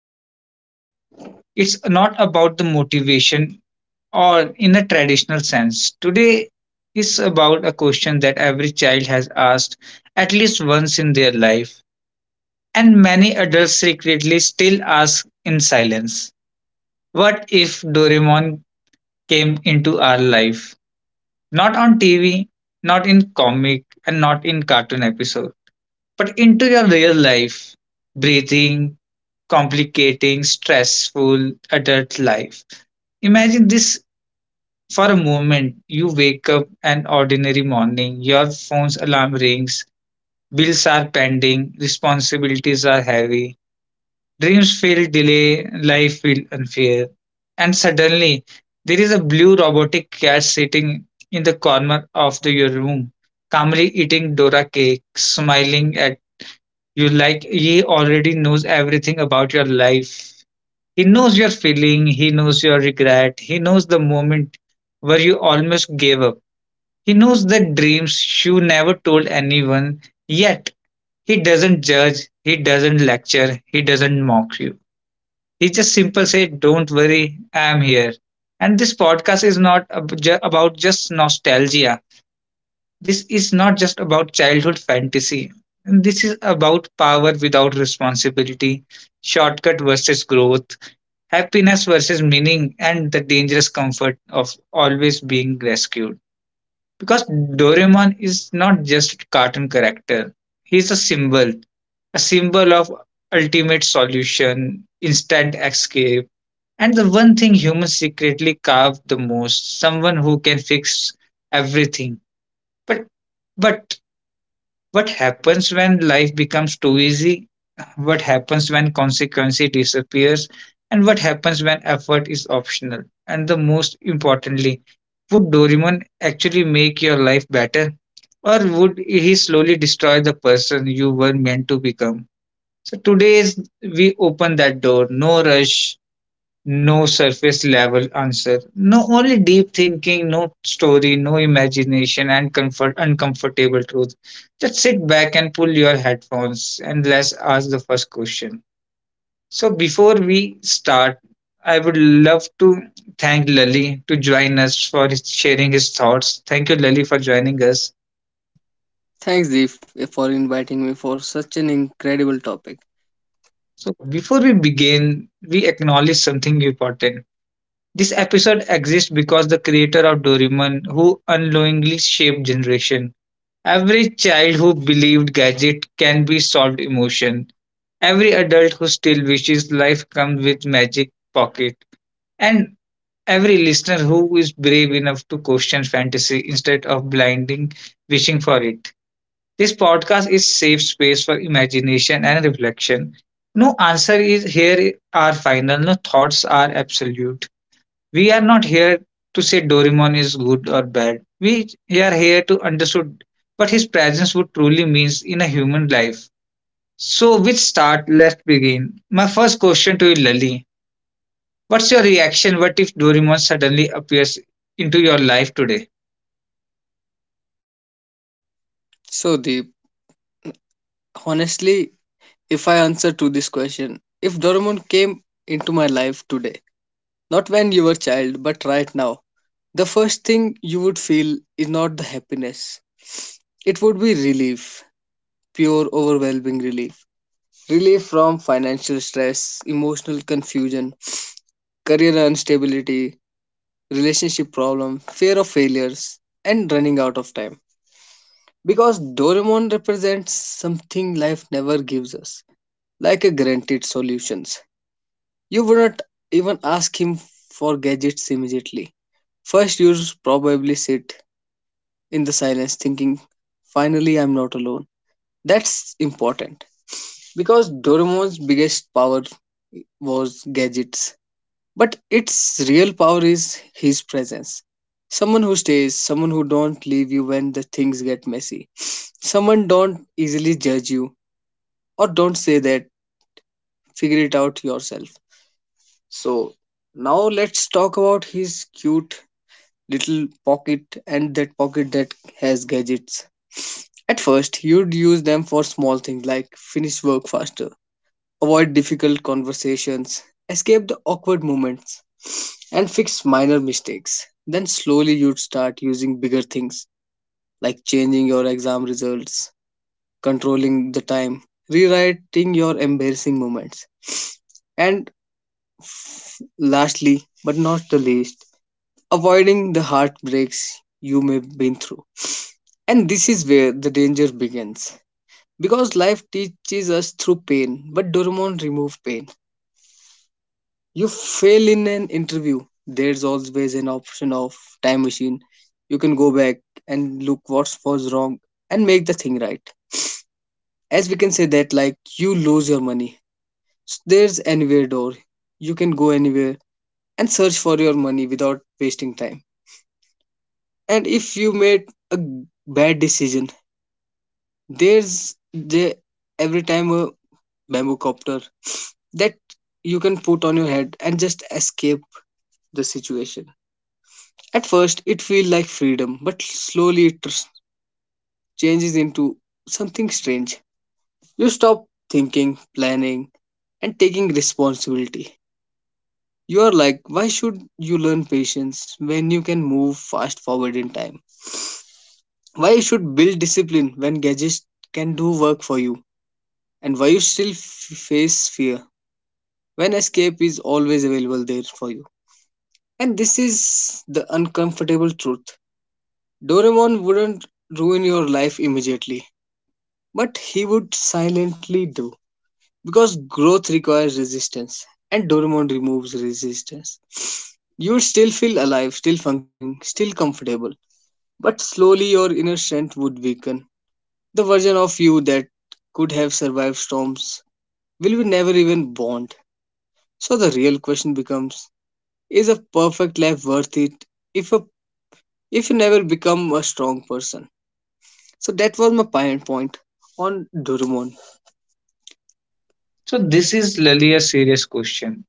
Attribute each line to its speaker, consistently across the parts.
Speaker 1: success, it's not about the motivation or in a traditional sense. Today is about a question that every child has asked at least once in their life, and many adults secretly still ask in silence. What if Doraemon came into our life, not on TV, not in comic, and not in cartoon episode, but into your real life, breathing, complicating, stressful adult life. Imagine this for a moment. You wake up an ordinary morning, your phone's alarm rings, bills are pending, responsibilities are heavy, dreams feel delay, life feel unfair. And suddenly, there is a blue robotic cat sitting in the corner of your room, calmly eating Dora cake, smiling at you like he already knows everything about your life. He knows your feeling, he knows your regret, he knows the moment where you almost gave up. He knows the dreams you never told anyone, yet he doesn't judge, he doesn't lecture, he doesn't mock you, he just simple said, "Don't worry, I am here." And this podcast is not about just nostalgia. This is not just about childhood fantasy. And this is about power without responsibility, shortcut versus growth, happiness versus meaning, and the dangerous comfort of always being rescued. Because Doraemon is not just a cartoon character, he's a symbol of ultimate solution, instant escape, and the one thing humans secretly carve the most, someone who can fix everything. But but what happens when life becomes too easy? What happens when consequence disappears? And what happens when effort is optional? And the most importantly, would Doraemon actually make your life better? Or would he slowly destroy the person you were meant to become? So today's we open that door, no rush, no surface level answer. No only deep thinking, no story, no imagination, and comfort uncomfortable truth. Just sit back and pull your headphones and let's ask the first question. So before we start, I would love to thank Lali to join us for sharing his thoughts. Thank you, Lali, for joining us.
Speaker 2: Thanks, Deep, for inviting me for such an incredible topic.
Speaker 1: So before we begin, we acknowledge something important. This episode exists because the creator of Doraemon, who unknowingly shaped generation, every child who believed gadget can be solved emotion. Every adult who still wishes life comes with magic pocket. And every listener who is brave enough to question fantasy instead of blinding wishing for it. This podcast is safe space for imagination and reflection. No answer is here are final, no thoughts are absolute. We are not here to say Doraemon is good or bad. We are here to understand what his presence would truly means in a human life. So, which start? Let's begin. My first question to you, Lali. What's your reaction? What if Doraemon suddenly appears into your life today?
Speaker 2: So, Deep, honestly, if I answer to this question, if Doraemon came into my life today, not when you were a child, but right now, the first thing you would feel is not the happiness. It would be relief, pure, overwhelming relief. Relief from financial stress, emotional confusion, career instability, relationship problem, fear of failures, and running out of time. Because Doraemon represents something life never gives us, like a guaranteed solutions. You would not even ask him for gadgets immediately. First, you probably sit in the silence thinking, finally, I'm not alone. That's important because Doraemon's biggest power was gadgets, but its real power is his presence. Someone who stays, someone who don't leave you when the things get messy, someone don't easily judge you, or don't say that figure it out yourself. So now let's talk about his cute little pocket, and that pocket that has gadgets. At first, you'd use them for small things like finish work faster, avoid difficult conversations, escape the awkward moments, and fix minor mistakes. Then slowly you'd start using bigger things like changing your exam results, controlling the time, rewriting your embarrassing moments, and lastly, but not the least, avoiding the heartbreaks you may have been through. And this is where the danger begins. Because life teaches us through pain, but Doraemon remove pain. You fail in an interview, there's always an option of time machine. You can go back and look what was wrong and make the thing right. As we can say that like you lose your money. So there's anywhere door. You can go anywhere and search for your money without wasting time. And if you made a bad decision, there's the every time a bamboo copter that you can put on your head and just escape the situation. At first it feels like freedom, but slowly it changes into something strange. You stop thinking, planning, and taking responsibility. You are like, why should you learn patience when you can move fast forward in time? Why you should build discipline when gadgets can do work for you? And why you still face fear when escape is always available there for you? And this is the uncomfortable truth. Doraemon wouldn't ruin your life immediately, but he would silently do. Because growth requires resistance, and Doraemon removes resistance. You would still feel alive, still functioning, still comfortable, but slowly your inner strength would weaken. The version of you that could have survived storms will be never even born. So the real question becomes, is a perfect life worth it if a, if you never become a strong person? So that was my point on Doraemon.
Speaker 1: So, this is Lali a serious question.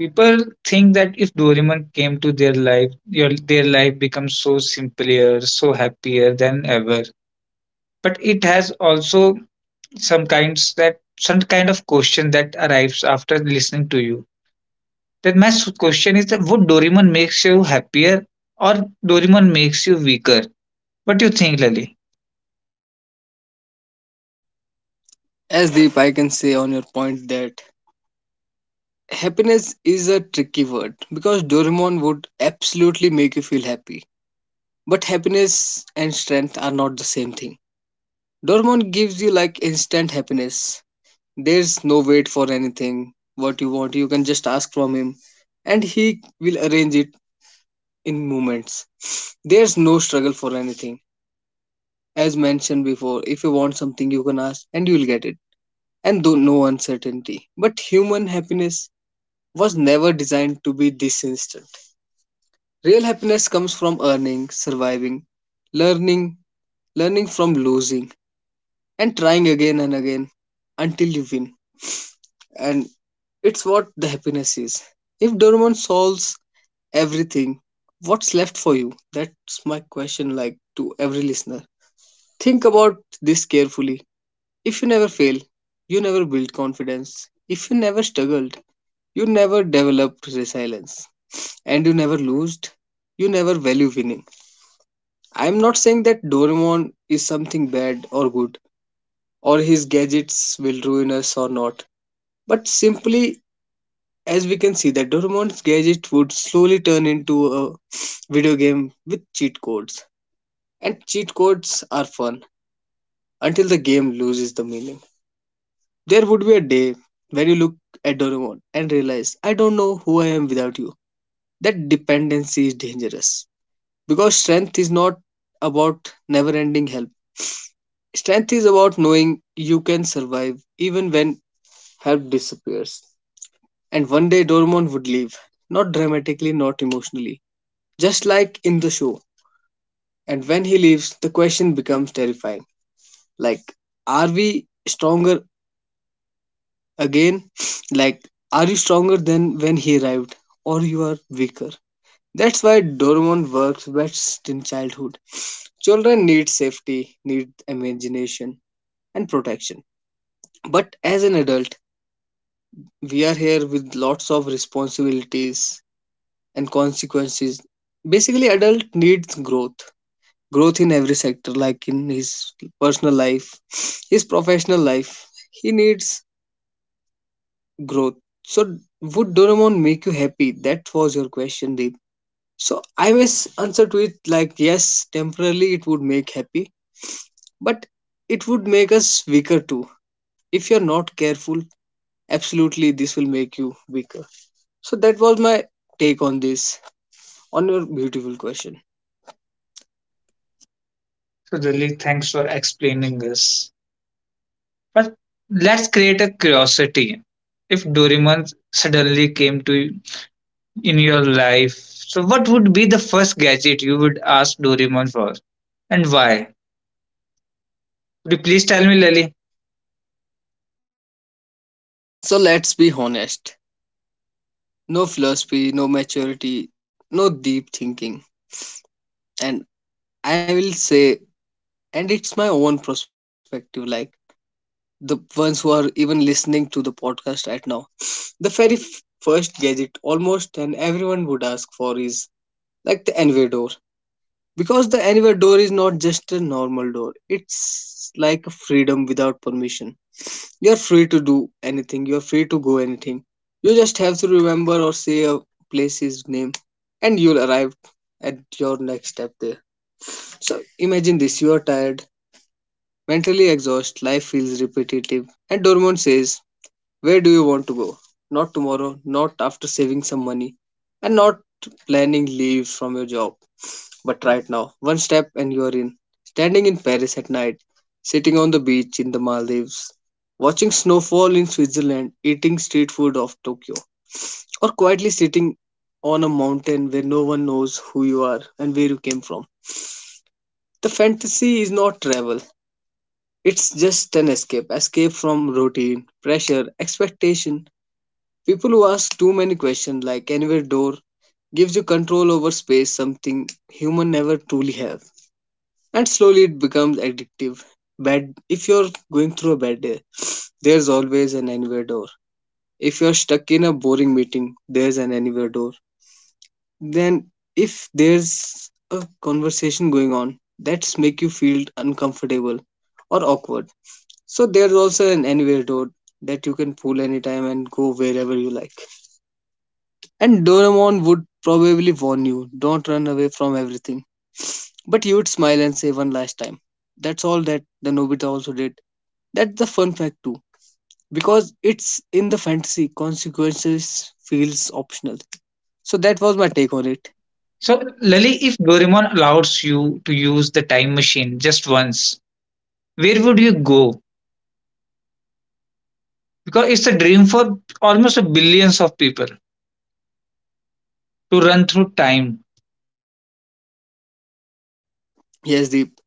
Speaker 1: People think that if Doraemon came to their life, their life becomes so simpler, so happier than ever. But it has also some kind of question that arrives after listening to you. That my question is that would Doraemon makes you happier or Doraemon makes you weaker? What do you think, Lali?
Speaker 2: As Deep, I can say on your point that happiness is a tricky word because Doraemon would absolutely make you feel happy. But happiness and strength are not the same thing. Doraemon gives you like instant happiness. There's no wait for anything. What you want, you can just ask from him and he will arrange it in moments. There's no struggle for anything. As mentioned before, if you want something, you can ask and you'll get it. And though no uncertainty. But human happiness was never designed to be this instant. Real happiness comes from earning, surviving, learning, learning from losing, and trying again and again until you win. And it's what the happiness is. If Doraemon solves everything, what's left for you? That's my question, like, to every listener. Think about this carefully. If you never fail, you never build confidence. If you never struggled, you never developed resilience. And you never lost, you never value winning. I am not saying that Doraemon is something bad or good, or his gadgets will ruin us or not. But simply, as we can see, that Doraemon's gadget would slowly turn into a video game with cheat codes. And cheat codes are fun until the game loses the meaning. There would be a day when you look at Doraemon and realize, I don't know who I am without you. That dependency is dangerous. Because strength is not about never ending help. Strength is about knowing you can survive even when help disappears. And one day Doraemon would leave. Not dramatically, not emotionally. Just like in the show. And when he leaves, the question becomes terrifying. Like, are we stronger again, like, are you stronger than when he arrived, or you are weaker? That's why Doraemon works best in childhood. Children need safety, need imagination, and protection. But as an adult, we are here with lots of responsibilities and consequences. Basically, adult needs growth, growth in every sector, like in his personal life, his professional life, he needs growth. So, would Doraemon make you happy? That was your question, Deep. So, I must answer to it like, yes, temporarily it would make happy, but it would make us weaker too. If you're not careful, absolutely this will make you weaker. So, that was my take on this, on your beautiful question.
Speaker 1: So Lali, thanks for explaining this. But let's create a curiosity. If Doraemon suddenly came to in your life, so what would be the first gadget you would ask Doraemon for, and why? Could you please tell me, Lali?
Speaker 2: So, let's be honest, no philosophy, no maturity, no deep thinking. And I will say, and it's my own perspective, like, the ones who are even listening to the podcast right now. The very first gadget almost and everyone would ask for is like the anywhere door. Because the anywhere door is not just a normal door, it's like a freedom without permission. You're free to do anything, you're free to go anything. You just have to remember or say a place's name, and you'll arrive at your next step there. So imagine this, you are tired, mentally exhausted, life feels repetitive, and Dormon says, where do you want to go? Not tomorrow, not after saving some money, and not planning leave from your job, but right now. One step and you are in. Standing in Paris at night, sitting on the beach in the Maldives, watching snowfall in Switzerland, eating street food of Tokyo, or quietly sitting on a mountain where no one knows who you are and where you came from. The fantasy is not travel. It's just an escape, escape from routine, pressure, expectation, people who ask too many questions. Like anywhere door gives you control over space, something human never truly have. And slowly it becomes addictive. Bad, if you're going through a bad day, there's always an anywhere door. If you're stuck in a boring meeting, there's an anywhere door. Then if there's a conversation going on that's make you feel uncomfortable or awkward. So there's also an anywhere door that you can pull anytime and go wherever you like. And Doraemon would probably warn you, don't run away from everything. But you would smile and say one last time. That's all that the Nobita also did. That's the fun fact too. Because it's in the fantasy, consequences feels optional. So that was my take on it.
Speaker 1: So, Lali, if Doraemon allows you to use the time machine just once, where would you go? Because it's a dream for almost a billions of people to run through time.
Speaker 2: Yes, Deep.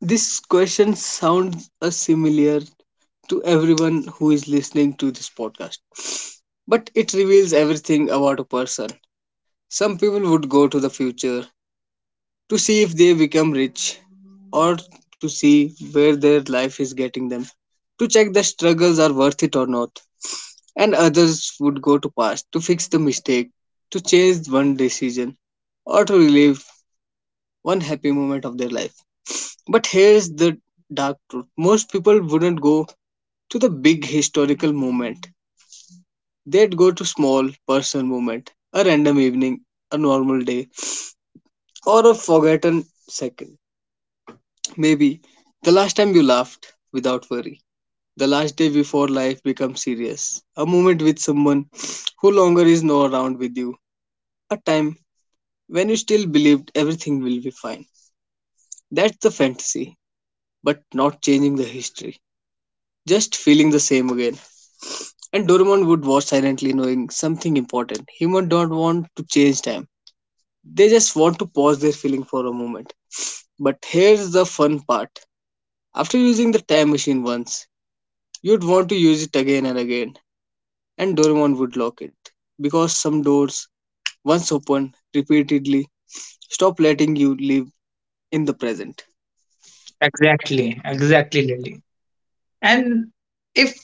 Speaker 2: This question sounds similar to everyone who is listening to this podcast. But it reveals everything about a person. Some people would go to the future, to see if they become rich or to see where their life is getting them, to check the struggles are worth it or not. And others would go to past to fix the mistake, to change one decision, or to relive one happy moment of their life. But here's the dark truth, most people wouldn't go to the big historical moment, they'd go to small personal moment, a random evening, a normal day, or a forgotten second. Maybe the last time you laughed without worry, the last day before life becomes serious, a moment with someone who longer is no around with you, a time when you still believed everything will be fine. That's the fantasy, but not changing the history, just feeling the same again. And Doraemon would watch silently, knowing something important. Humans don't want to change time; they just want to pause their feeling for a moment. But here's the fun part. After using the time machine once, you'd want to use it again and again, and Doraemon would lock it. Because some doors, once opened repeatedly, stop letting you live in the present.
Speaker 1: Exactly, exactly, Lali. And if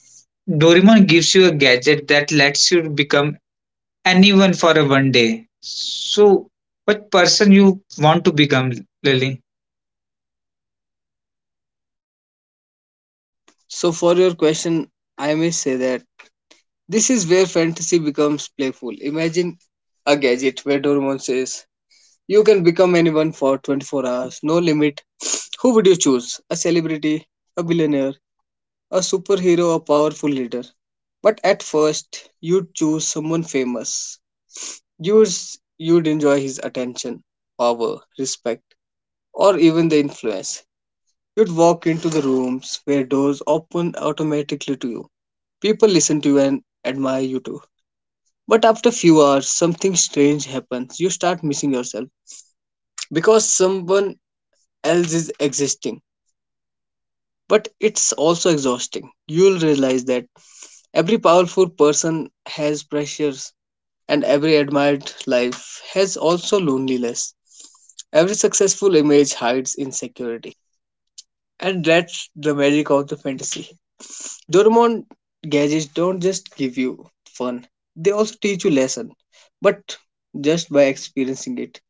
Speaker 1: Doraemon gives you a gadget that lets you become anyone for a one day, so what person you want to become, Lali?
Speaker 2: So, for your question, I may say that this is where fantasy becomes playful. Imagine a gadget where Doraemon says, you can become anyone for 24 hours, no limit. Who would you choose? A celebrity, a billionaire, a superhero, a powerful leader? But at first, you'd choose someone famous, yours you'd enjoy his attention, power, respect, or even the influence. You'd walk into the rooms where doors open automatically to you. People listen to you and admire you too. But after few hours, something strange happens. You start missing yourself because someone else is existing. But it's also exhausting. You'll realize that every powerful person has pressures, and every admired life has also loneliness. Every successful image hides insecurity. And that's the magic of the fantasy. Doraemon gadgets don't just give you fun, they also teach you lesson. But just by experiencing it,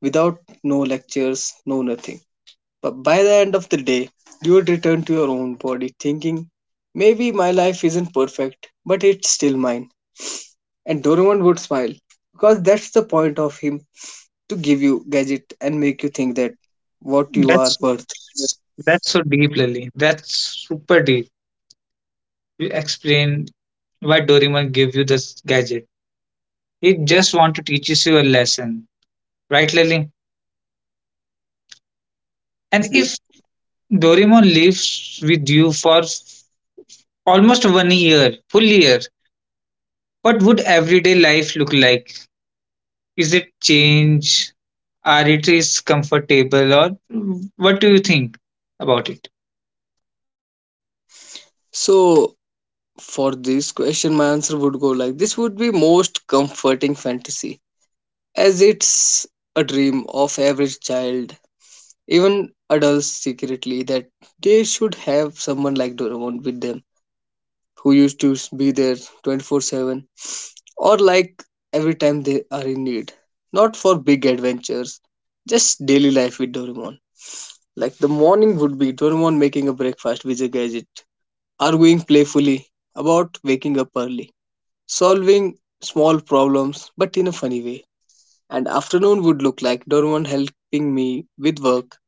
Speaker 2: without no lectures, no nothing. But by the end of the day, you would return to your own body thinking, maybe my life isn't perfect, but it's still mine. And Doraemon would smile because that's the point of him, to give you gadget and make you think that what you are
Speaker 1: That's
Speaker 2: worth.
Speaker 1: that's so deep, Lali. That's super deep. You explain why Doraemon gave you this gadget. It just want to teaches you a lesson, right, Lily? And
Speaker 2: Yes, Deep.
Speaker 1: if Doraemon lives with you for almost one year, full year, what would everyday life look like? Is it change? Are it is comfortable, or what do you think about it?
Speaker 2: So for this question, my answer would go like, this would be most comforting fantasy, as it's a dream of average child, even adults secretly, that they should have someone like Doraemon with them, who used to be there 24/7, or like every time they are in need. Not for big adventures, just daily life with Doraemon. Like the morning would be 21 making a breakfast with a gadget, arguing playfully about waking up early, solving small problems but in a funny way. And afternoon would look like Dorman helping me with work,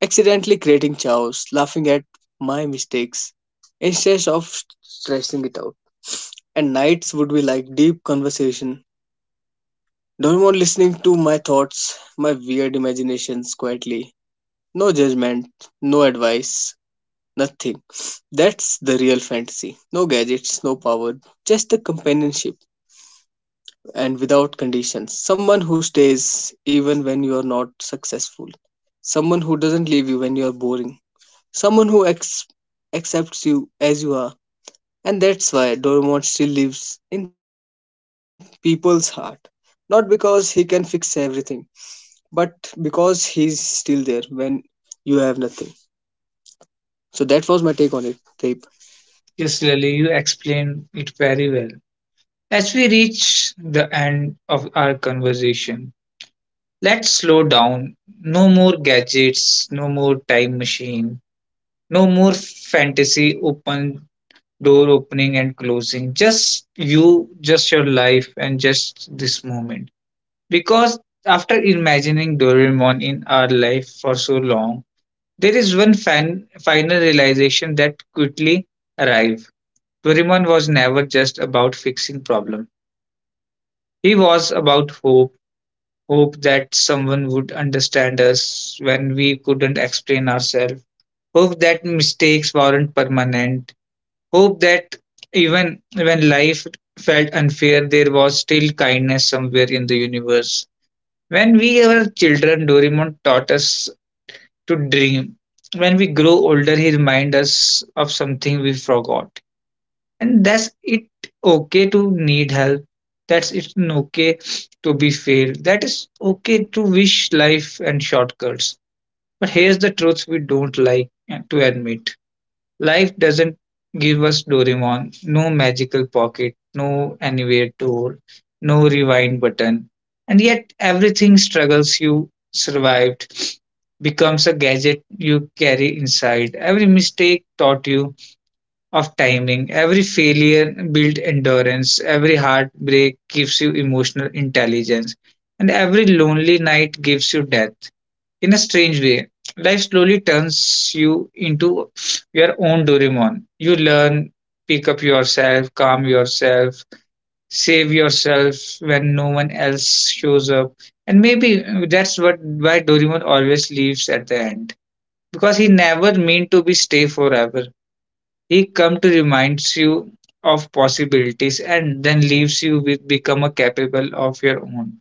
Speaker 2: accidentally creating chaos, laughing at my mistakes instead of stressing it out. And nights would be like deep conversation, Dorman listening to my thoughts, my weird imaginations quietly. No judgment, no advice, nothing. That's the real fantasy. No gadgets, no power, just the companionship and without conditions. Someone who stays even when you are not successful. Someone who doesn't leave you when you are boring. Someone who accepts you as you are. And that's why Doraemon still lives in people's heart. Not because he can fix everything, but because he's still there when you have nothing. So that was my take on it, Deep.
Speaker 1: Yes, Lily, you explained it very well. As we reach the end of our conversation, let's slow down. No more gadgets, no more time machine. No more fantasy open door opening and closing. Just you, just your life and just this moment. Because after imagining Doraemon in our life for so long, there is final realization that quickly arrived. Doraemon was never just about fixing problems. He was about hope, hope that someone would understand us when we couldn't explain ourselves, hope that mistakes weren't permanent, hope that even when life felt unfair, there was still kindness somewhere in the universe. When we were children, Doraemon taught us to dream. When we grow older, he reminds us of something we forgot. And that's it okay to need help. That's it's okay to be failed. That is okay to wish life and shortcuts. But here's the truth we don't like to admit. Life doesn't give us Doraemon, no magical pocket, no anywhere tour, no rewind button. And yet everything struggles you survived becomes a gadget you carry inside. Every mistake taught you of timing, every failure built endurance, every heartbreak gives you emotional intelligence, and every lonely night gives you depth in a strange way. Life slowly turns you into your own Doraemon. You learn, pick up yourself, calm yourself, save yourself when no one else shows up. And maybe that's what why Doraemon always leaves at the end. Because he never meant to be stay forever. He come to reminds you of possibilities and then leaves you with become a capable of your own.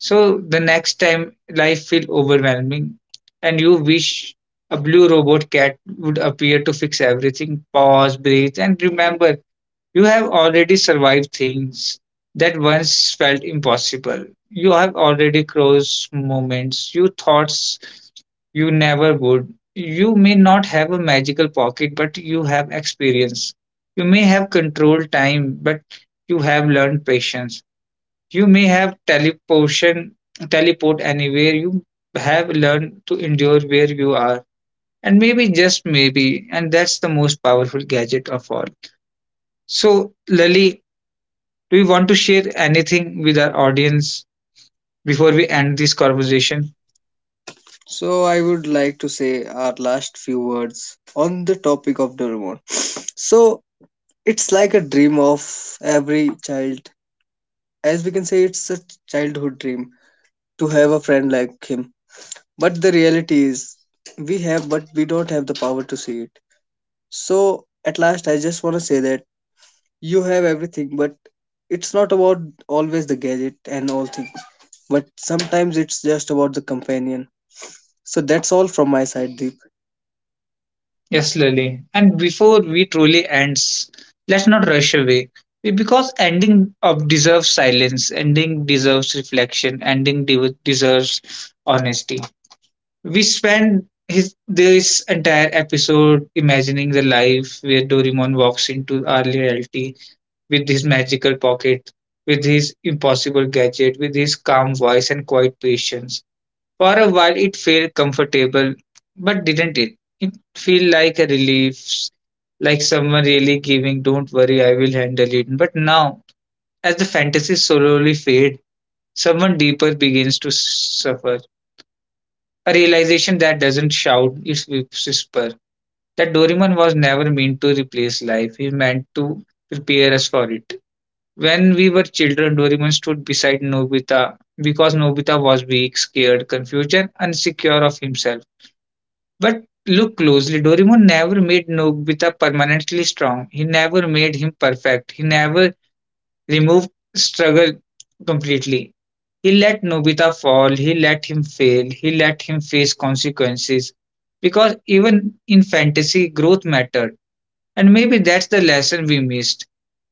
Speaker 1: So the next time life feels overwhelming and you wish a blue robot cat would appear to fix everything, pause, breathe, and remember you have already survived things that once felt impossible. You have already crossed moments you thoughts you never would. You may not have a magical pocket, but you have experience. You may have controlled time, but you have learned patience. You may have teleportation, teleport anywhere. You have learned to endure where you are, and maybe just maybe, and that's the most powerful gadget of all. So, Lali, do you want to share anything with our audience before we end this conversation?
Speaker 2: So I would like to say our last few words on the topic of Doraemon. So it's like a dream of every child. As we can say, it's a childhood dream to have a friend like him. But the reality is, we have, but we don't have the power to see it. So at last, I just want to say that you have everything, but it's not about always the gadget and all things. But sometimes it's just about the companion. So that's all from my side, Deep.
Speaker 1: Yes, Lali. And before we truly ends, let's not rush away. Because ending of deserves silence, ending deserves reflection, ending deserves honesty. We spend his this entire episode imagining the life where Doraemon walks into our reality with his magical pocket, with his impossible gadget, with his calm voice and quiet patience. For a while, it felt comfortable, but didn't it? It felt like a relief, like someone really giving, "Don't worry, I will handle it." But now, as the fantasy slowly fades, someone deeper begins to suffer. A realization that doesn't shout, it's whisper. That Doraemon was never meant to replace life, he meant to prepare us for it. When we were children, Doraemon stood beside Nobita because Nobita was weak, scared, confused, and insecure of himself. But look closely, Doraemon never made Nobita permanently strong. He never made him perfect. He never removed struggle completely. He let Nobita fall, he let him fail, he let him face consequences. Because even in fantasy, growth mattered. And maybe that's the lesson we missed.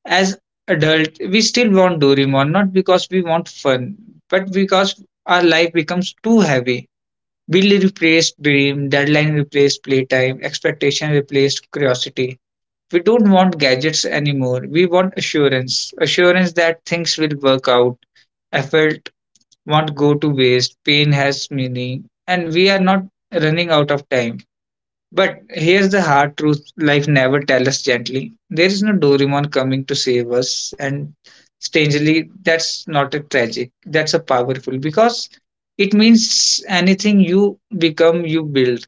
Speaker 1: As adult, we still want Doraemon, not because we want fun, but because our life becomes too heavy. Bill replaced dream, deadline replaced playtime, expectation replaced curiosity. We don't want gadgets anymore. We want assurance. Assurance that things will work out, effort won't go to waste. Pain has meaning, and we are not running out of time. But here's the hard truth life never tells us gently. There is no Doraemon coming to save us, and strangely, that's not a tragic, that's a powerful because it means anything you become, you build.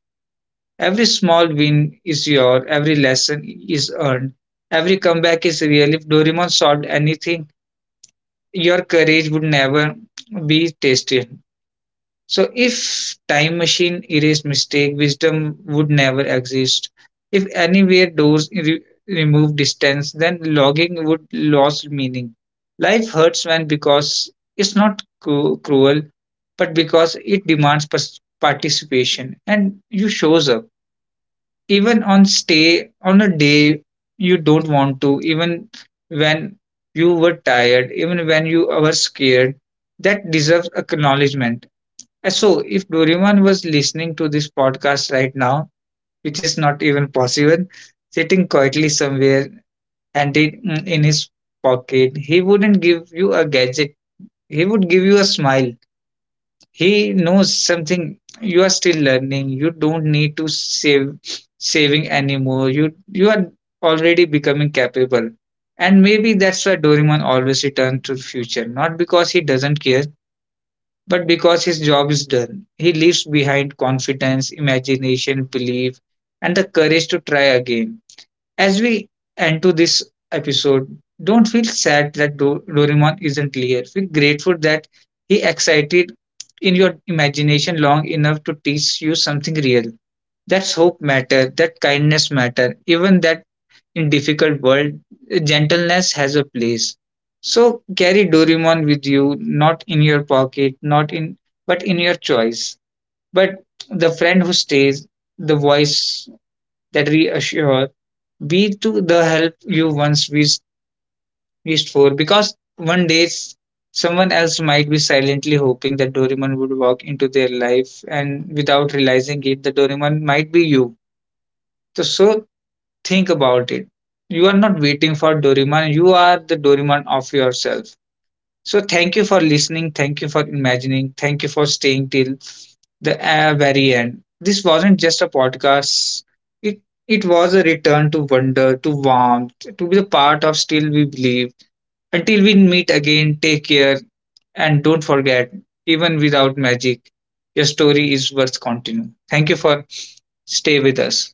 Speaker 1: Every small win is your, every lesson is earned, every comeback is real. If Doraemon solved anything, your courage would never be tested, so if time machine erased mistake, wisdom would never exist. If anywhere doors remove distance, then logging would lose meaning. Life hurts when because it's not cruel, but because it demands participation and you shows up even on stay on a day you don't want to, even when you were tired, even when you were scared, that deserves acknowledgement. And so, if Doraemon was listening to this podcast right now, which is not even possible, sitting quietly somewhere and it in his pocket, he wouldn't give you a gadget. He would give you a smile. He knows something you are still learning. You don't need to save saving anymore. You are already becoming capable. And maybe that's why Doraemon always returns to the future, not because he doesn't care, but because his job is done, he leaves behind confidence, imagination, belief, and the courage to try again. As we end to this episode, don't feel sad that Doraemon isn't clear. Feel grateful that he excited in your imagination long enough to teach you something real. That's hope matter, that kindness matter, even that in difficult world, gentleness has a place. So carry Doraemon with you, not in your pocket, not in but in your choice. But the friend who stays, the voice that reassures, be to the help you once wished for. Because one day someone else might be silently hoping that Doraemon would walk into their life, and without realizing it, the Doraemon might be you. So, think about it. You are not waiting for Doraemon, you are the Doraemon of yourself. So, thank you for listening, thank you for imagining, thank you for staying till the very end. This wasn't just a podcast. It it was a return to wonder, to warmth, to be the part of still we believe. Until we meet again, take care and don't forget, even without magic, your story is worth continuing. Thank you for stay with us.